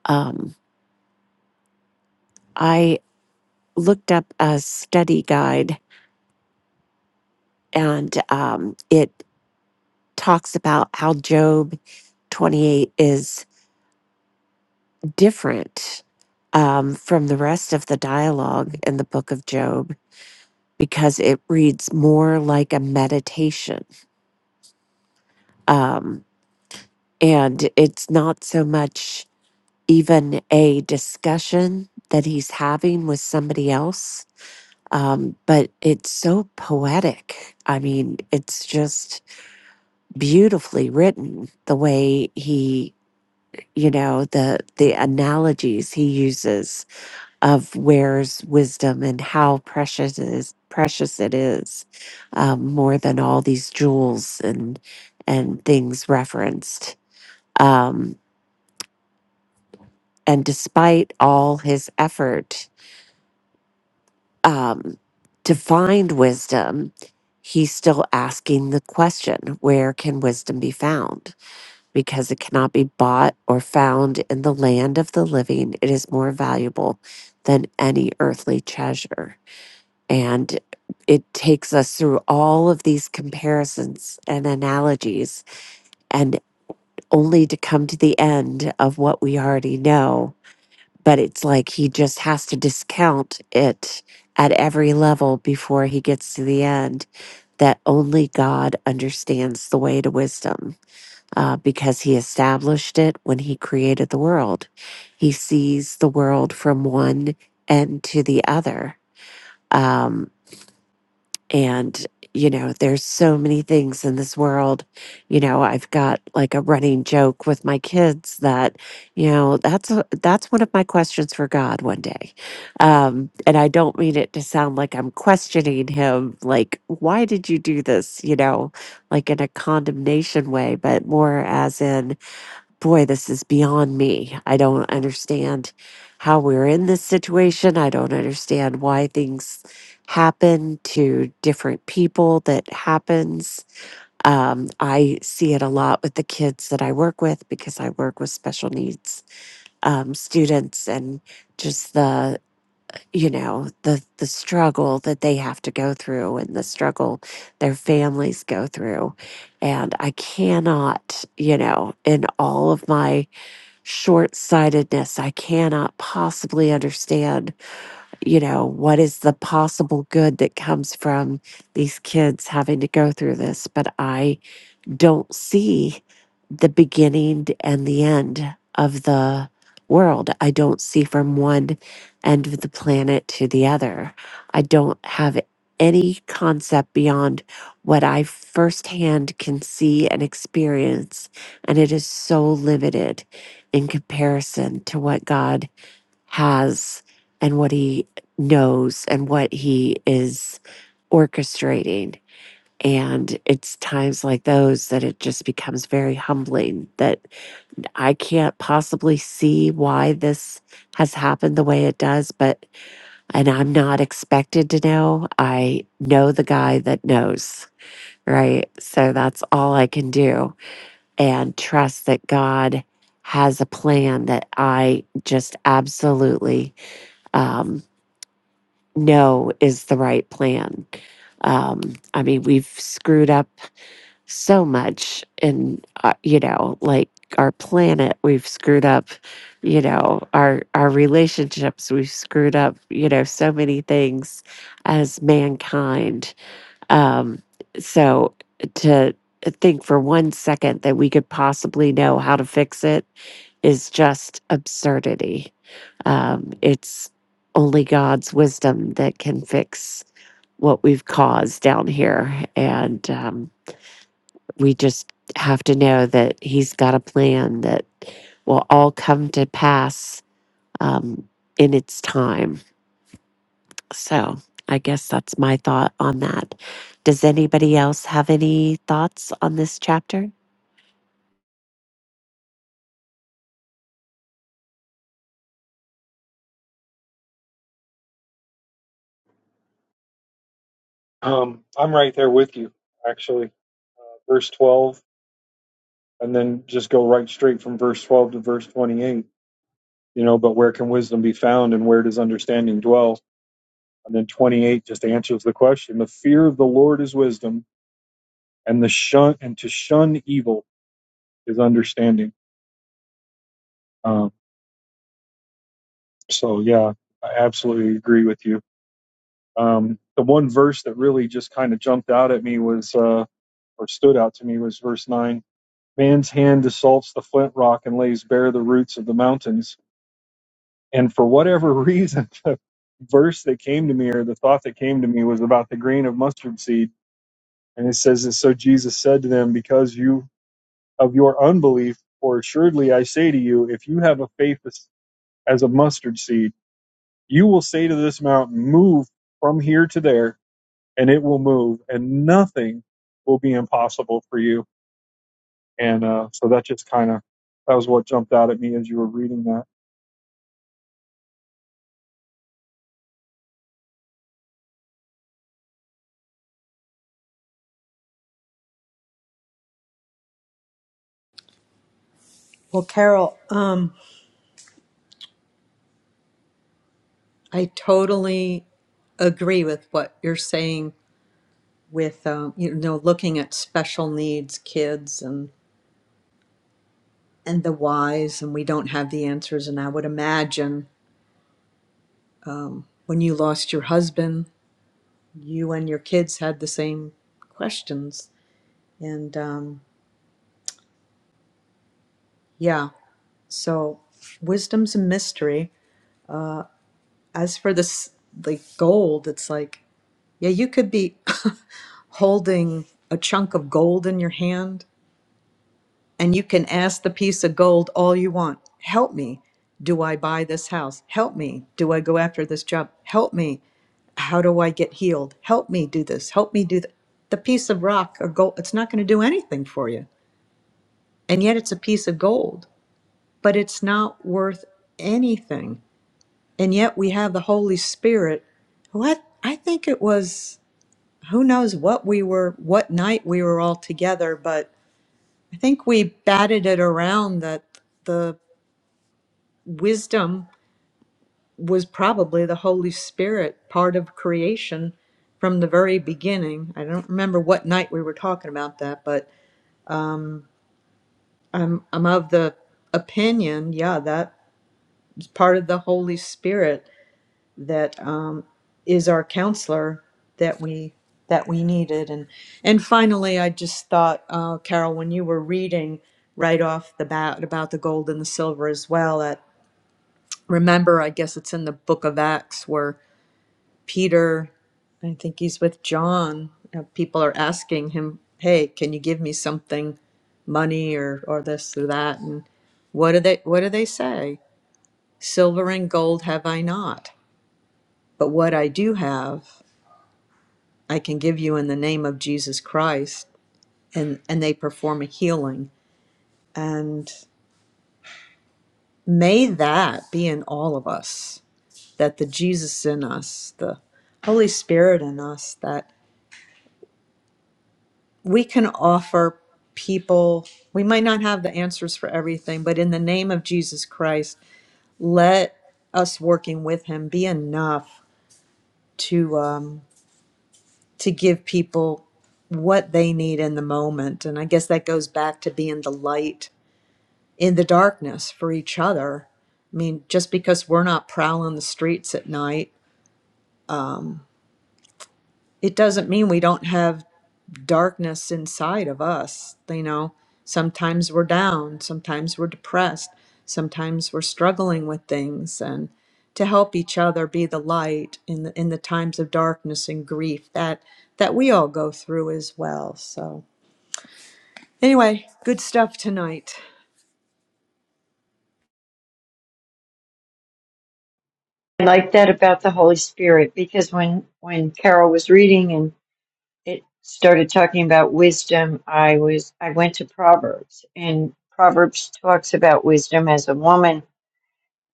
D: Um, I looked up a study guide and um, it talks about how Job 28 is. different um, from the rest of the dialogue in the book of Job because it reads more like a meditation. Um, and it's not so much even a discussion that he's having with somebody else, um, but it's so poetic. I mean, it's just beautifully written the way he you know the the analogies he uses of where's wisdom and how precious it is precious it is um, more than all these jewels and and things referenced um, and despite all his effort um, to find wisdom he's still asking the question where can wisdom be found because it cannot be bought or found in the land of the living it is more valuable than any earthly treasure And it takes us through all of these comparisons and analogies, and only to come to the end of what we already know. But it's like he just has to discount it at every level before he gets to the end that only God understands the way to wisdom uh, because he established it when he created the world. He sees the world from one end to the other. Um, and you know there's so many things in this world you know i've got like a running joke with my kids that you know that's a, that's one of my questions for god one day um and i don't mean it to sound like i'm questioning him like why did you do this you know like in a condemnation way but more as in boy, this is beyond me. I don't understand how we're in this situation. I don't understand why things happen to different people that happens. Um, I see it a lot with the kids that I work with because I work with special needs um, students and just the you know the the struggle that they have to go through and the struggle their families go through and i cannot you know in all of my short sightedness. I cannot possibly understand, you know, what is the possible good that comes from these kids having to go through this. But I don't see the beginning and the end of the world. I don't see from one end of the planet to the other. I don't have any concept beyond what I firsthand can see and experience. And it is so limited in comparison to what God has and what He knows and what He is orchestrating. And it's times like those that it just becomes very humbling that I can't possibly see why this has happened the way it does, but, and I'm not expected to know. I know the guy that knows, right? So that's all I can do and trust that God has a plan that I just absolutely um, know is the right plan. Um, I mean, we've screwed up so much in uh, you know like our planet we've screwed up you know our our relationships we've screwed up you know so many things as mankind um so to think for one second that we could possibly know how to fix it is just absurdity um it's only god's wisdom that can fix what we've caused down here and um we just have to know that he's got a plan that will all come to pass um, in its time. So I guess that's my thought on that. Does anybody else have any thoughts on this chapter?
A: Um, I'm right there with you, actually. Uh, verse 12, and then just go right straight from verse 12 to verse 28. you know, but where can wisdom be found and where does understanding dwell? And then 28 just answers the question. The fear of the Lord is wisdom and the shun and to shun evil is understanding. Um, so yeah, I absolutely agree with you. Um, the one verse that really just kind of jumped out at me was, uh, or stood out to me was verse nine. Man's hand assaults the flint rock and lays bare the roots of the mountains. And for whatever reason, the verse that came to me or the thought that came to me was about the grain of mustard seed And it says that so Jesus said to them, Because you of your unbelief, for assuredly I say to you, if you have a faith as, as a mustard seed, you will say to this mountain, Move from here to there, and it will move, and nothing will be impossible for you. And uh, so that just kind of that was what jumped out at me as you were reading that.
B: Well, Carol, um, I totally agree with what you're saying with um, you know looking at special needs kids and and the whys and we don't have the answers and i would imagine um, when you lost your husband you and your kids had the same questions and um, yeah So wisdom's a mystery. As for this, like gold, it's like, yeah, you could be holding a chunk of gold in your hand and you can ask the piece of gold all you want. Help me. Do I buy this house? Help me. Do I go after this job? Help me. How do I get healed? Help me do this. Help me do that. The piece of rock or gold, it's not going to do anything for you. And yet it's a piece of gold, but it's not worth anything And yet we have the Holy Spirit, who I, I think it was, who knows what we were, what night we were all together, but I think we batted it around that the wisdom was probably the Holy Spirit, part of creation from the very beginning. I don't remember what night we were talking about that, but I'm, I'm of the opinion, yeah, that's part of the Holy Spirit that um, is our counselor that we that we needed. And and finally, I just thought, uh, Carol, when you were reading right off the bat about the gold and the silver as well, at remember, I guess it's in the Book of Acts where Peter, I think he's with John. uh, people are asking him, "Hey, can you give me something, money or or this or that?" And what do they what do they say? Silver and gold have I not, but what I do have. I can give you in the name of Jesus Christ, and, and they perform a healing. And may that be in all of us, that the Jesus in us, the Holy Spirit in us, that we can offer people, we might not have the answers for everything, but in the name of Jesus Christ, let us working with him be enough to um, to give people what they need in the moment. And I guess that goes back to being the light in the darkness for each other. I mean, just because we're not prowling the streets at night, it doesn't mean we don't have darkness inside of us. You know, sometimes we're down, sometimes we're depressed, sometimes we're struggling with things, and to help each other be the light in the in the times of darkness and grief that that we all go through as well. So anyway, good stuff tonight.
C: i like that about the holy spirit because when when carol was reading and it started talking about wisdom i was i went to proverbs and proverbs talks about wisdom as a woman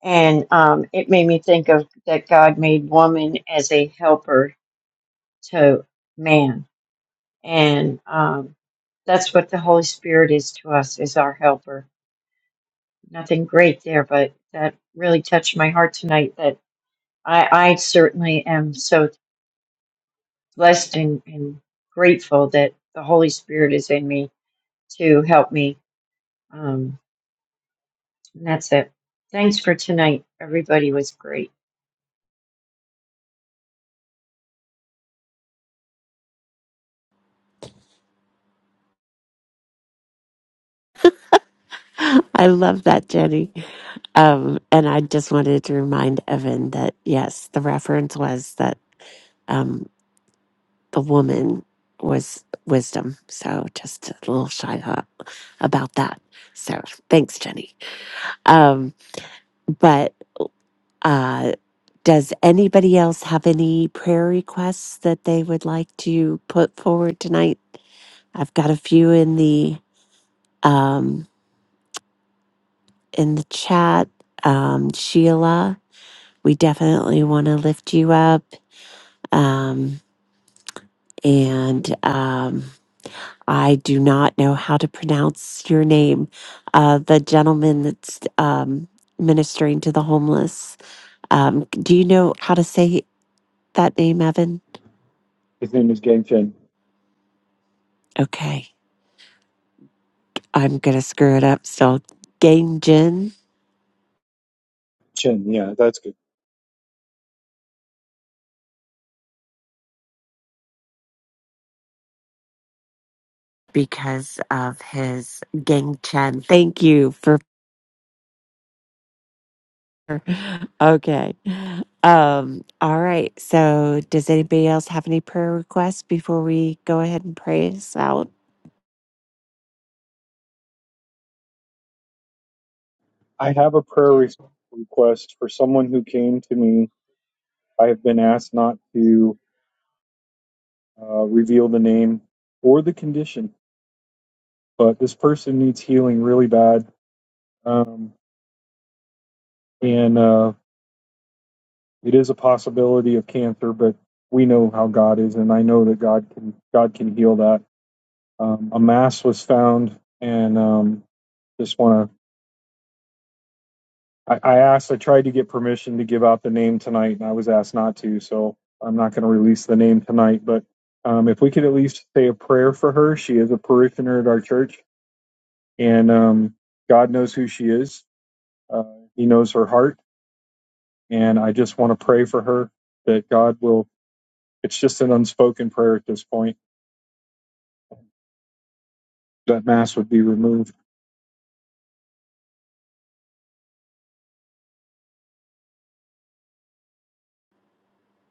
C: and um, it made me think of that god made woman as a helper to man. And um, that's what the Holy Spirit is to us, is our helper. Nothing great there, but that really touched my heart tonight that I, I certainly am so blessed and, and grateful that the Holy Spirit is in me to help me. Um, and that's it. Thanks for tonight. Everybody was great.
D: I love that, Jenny. Um, and I just wanted to remind Evan that yes, the reference was that um, the woman was wisdom. So just a little shy hop about that. So thanks, Jenny. Um, But uh, does anybody else have any prayer requests that they would like to put forward tonight? I've got a few in the um, in the chat. Um, Sheila, we definitely want to lift you up. Um, and um, I do not know how to pronounce your name. Uh, the gentleman that's um, ministering to the homeless. Um, do you know how to say that name, Evan?
A: His name is Gang Chen.
D: Okay. I'm going to screw it up so Gang Jin
A: Chen, yeah, that's good.
D: because of his Gang Chen. Thank you for. Okay. Um, all right. So, does anybody else have any prayer requests before we go ahead and pray us out?
A: I have a prayer re- request for someone who came to me. I have been asked not to uh, reveal the name or the condition. But this person needs healing really bad, um, and uh, it is a possibility of cancer. But we know how God is, and I know that God can God can heal that. Um, a mass was found, and um, just want to. I, I asked. I tried to get permission to give out the name tonight, and I was asked not to. So I'm not going to release the name tonight. But um, if we could at least say a prayer for her, she is a parishioner at our church, and um, God knows who she is Uh, he knows her heart, and I just want to pray for her that God will. It's just an unspoken prayer at this point that mass would be removed.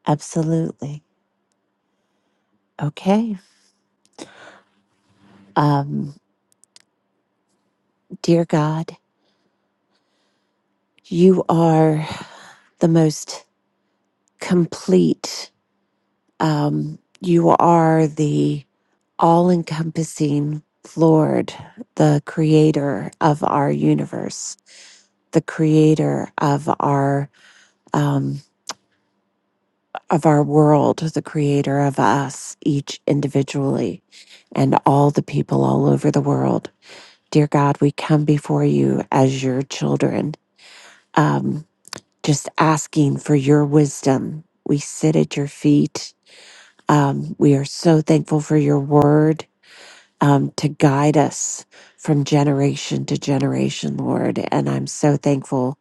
D: Absolutely. Okay. Um, dear God, you are the most complete Um, you are the all encompassing Lord, the creator of our universe, the creator of our um, of our world, the creator of us each individually and all the people all over the world. Dear God, we come before you as your children, um, just asking for your wisdom. We sit at your feet. Um, we are so thankful for your word um, to guide us from generation to generation, Lord. And I'm so thankful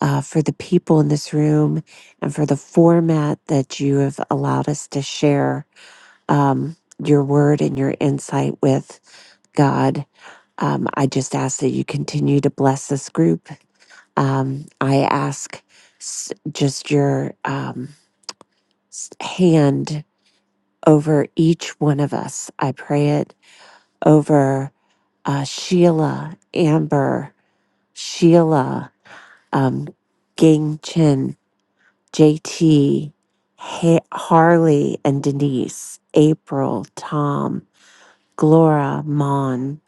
D: uh, for the people in this room and for the format that you have allowed us to share um, your word and your insight with God. Um, I just ask that you continue to bless this group. Um, I ask s- just your um, s- hand over each one of us. I pray it over. uh, Sheila, Amber, Sheila, um, Gang Chen, JT, ha- Harley, and Denise, April, Tom, Glora, Mon,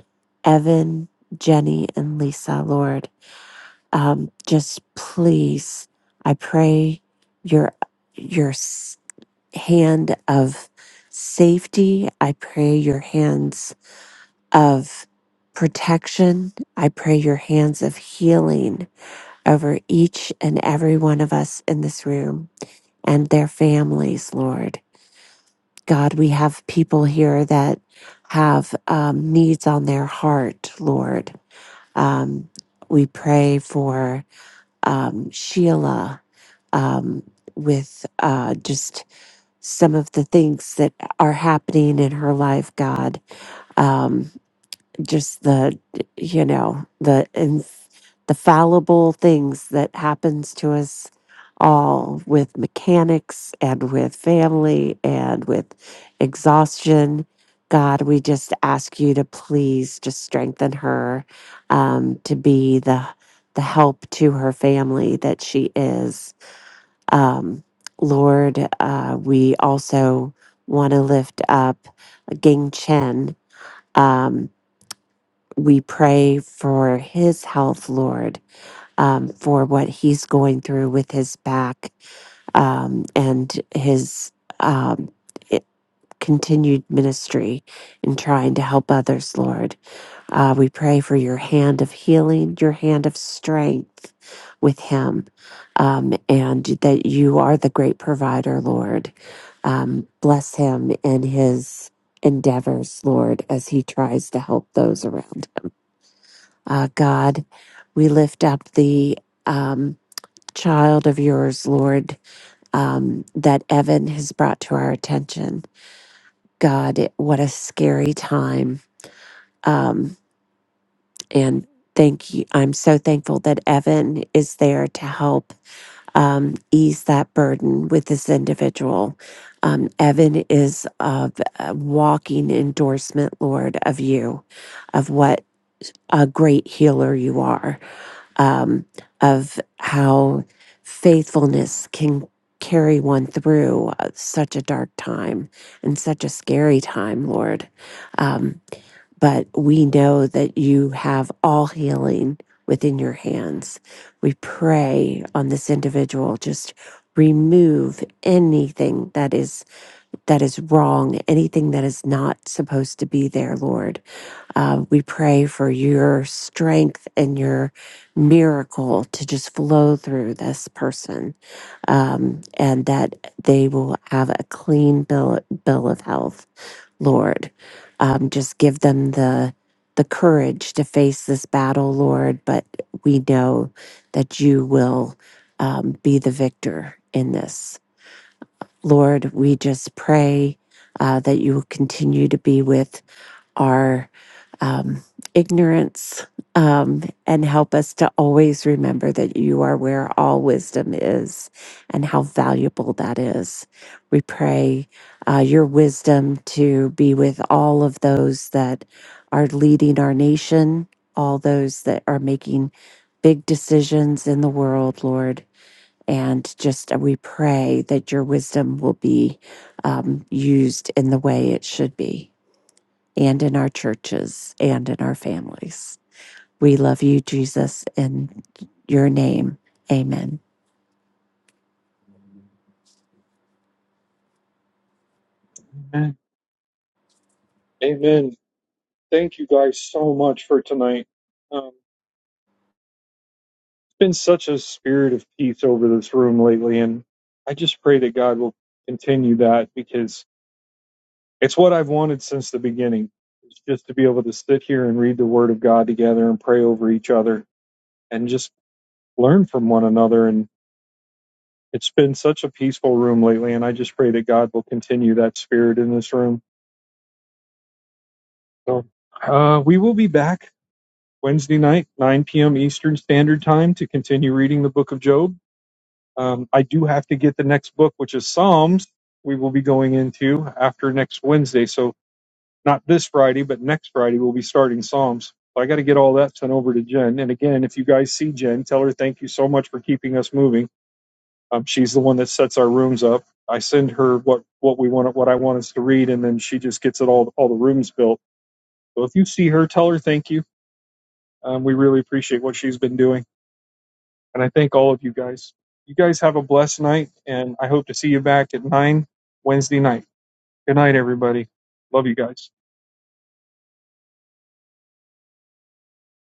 D: Evan, Jenny, and Lisa, Lord, um, just please, I pray your your s- hand of safety. I pray your hands of protection. I pray your hands of healing over each and every one of us in this room and their families, Lord. God, we have people here that have um, needs on their heart, Lord. Um, we pray for um, Sheila um, with uh, just some of the things that are happening in her life, God. Um, just the you know the inf- the fallible things that happens to us all with mechanics and with family and with exhaustion god we just ask you to please just strengthen her um, to be the the help to her family that she is um, lord uh, we also want to lift up gang chen Um, we pray for his health, Lord, um, for what he's going through with his back um, and his um, i- continued ministry in trying to help others, Lord. Uh, we pray for your hand of healing, your hand of strength with him, um, and that you are the great provider, Lord. Um, bless him in his endeavors, Lord, as he tries to help those around uh, God, we lift up the um, child of yours, Lord, um, that Evan has brought to our attention. God, it, what a scary time. Um, and thank you. I'm so thankful that Evan is there to help um, ease that burden with this individual. Um, Evan is of a walking endorsement, Lord, of you, of what a great healer you are um, of how faithfulness can carry one through uh, such a dark time and such a scary time, Lord. Um, but we know that you have all healing within your hands. We pray on this individual, just remove anything that is that is wrong anything that is not supposed to be there lord uh, we pray for your strength and your miracle to just flow through this person um, and that they will have a clean bill, bill of health, Lord. Um, just give them the the courage to face this battle, Lord, but we know that you will um, be the victor in this. Lord, we just pray uh, that you will continue to be with our um, ignorance um, and help us to always remember that you are where all wisdom is and how valuable that is. We pray uh, your wisdom to be with all of those that are leading our nation, all those that are making big decisions in the world, Lord. And just uh, we pray that your wisdom will be um, used in the way it should be and in our churches and in our families. We love you, Jesus, in your name. Amen.
A: Amen. Amen. Thank you guys so much for tonight. Um, it's been such a spirit of peace over this room lately, and I just pray that God will continue that because it's what I've wanted since the beginning. It's just to be able to sit here and read the Word of God together and pray over each other and just learn from one another. And It's been such a peaceful room lately, and I just pray that God will continue that spirit in this room. So, uh, we will be back Wednesday night, 9 p.m. Eastern Standard Time, to continue reading the book of Job. Um, I do have to get the next book, which is Psalms, we will be going into after next Wednesday. So, not this Friday, but next Friday, we'll be starting Psalms. So I got to get all that sent over to Jen. And again, if you guys see Jen, tell her thank you so much for keeping us moving Um, she's the one that sets our rooms up. I send her what what we want, what I want us to read, and then she just gets it all all the rooms built. So if you see her, tell her thank you. Um, we really appreciate what she's been doing, and I thank all of you guys. You guys have a blessed night, and I hope to see you back at nine Wednesday night. Good night, everybody. Love you guys.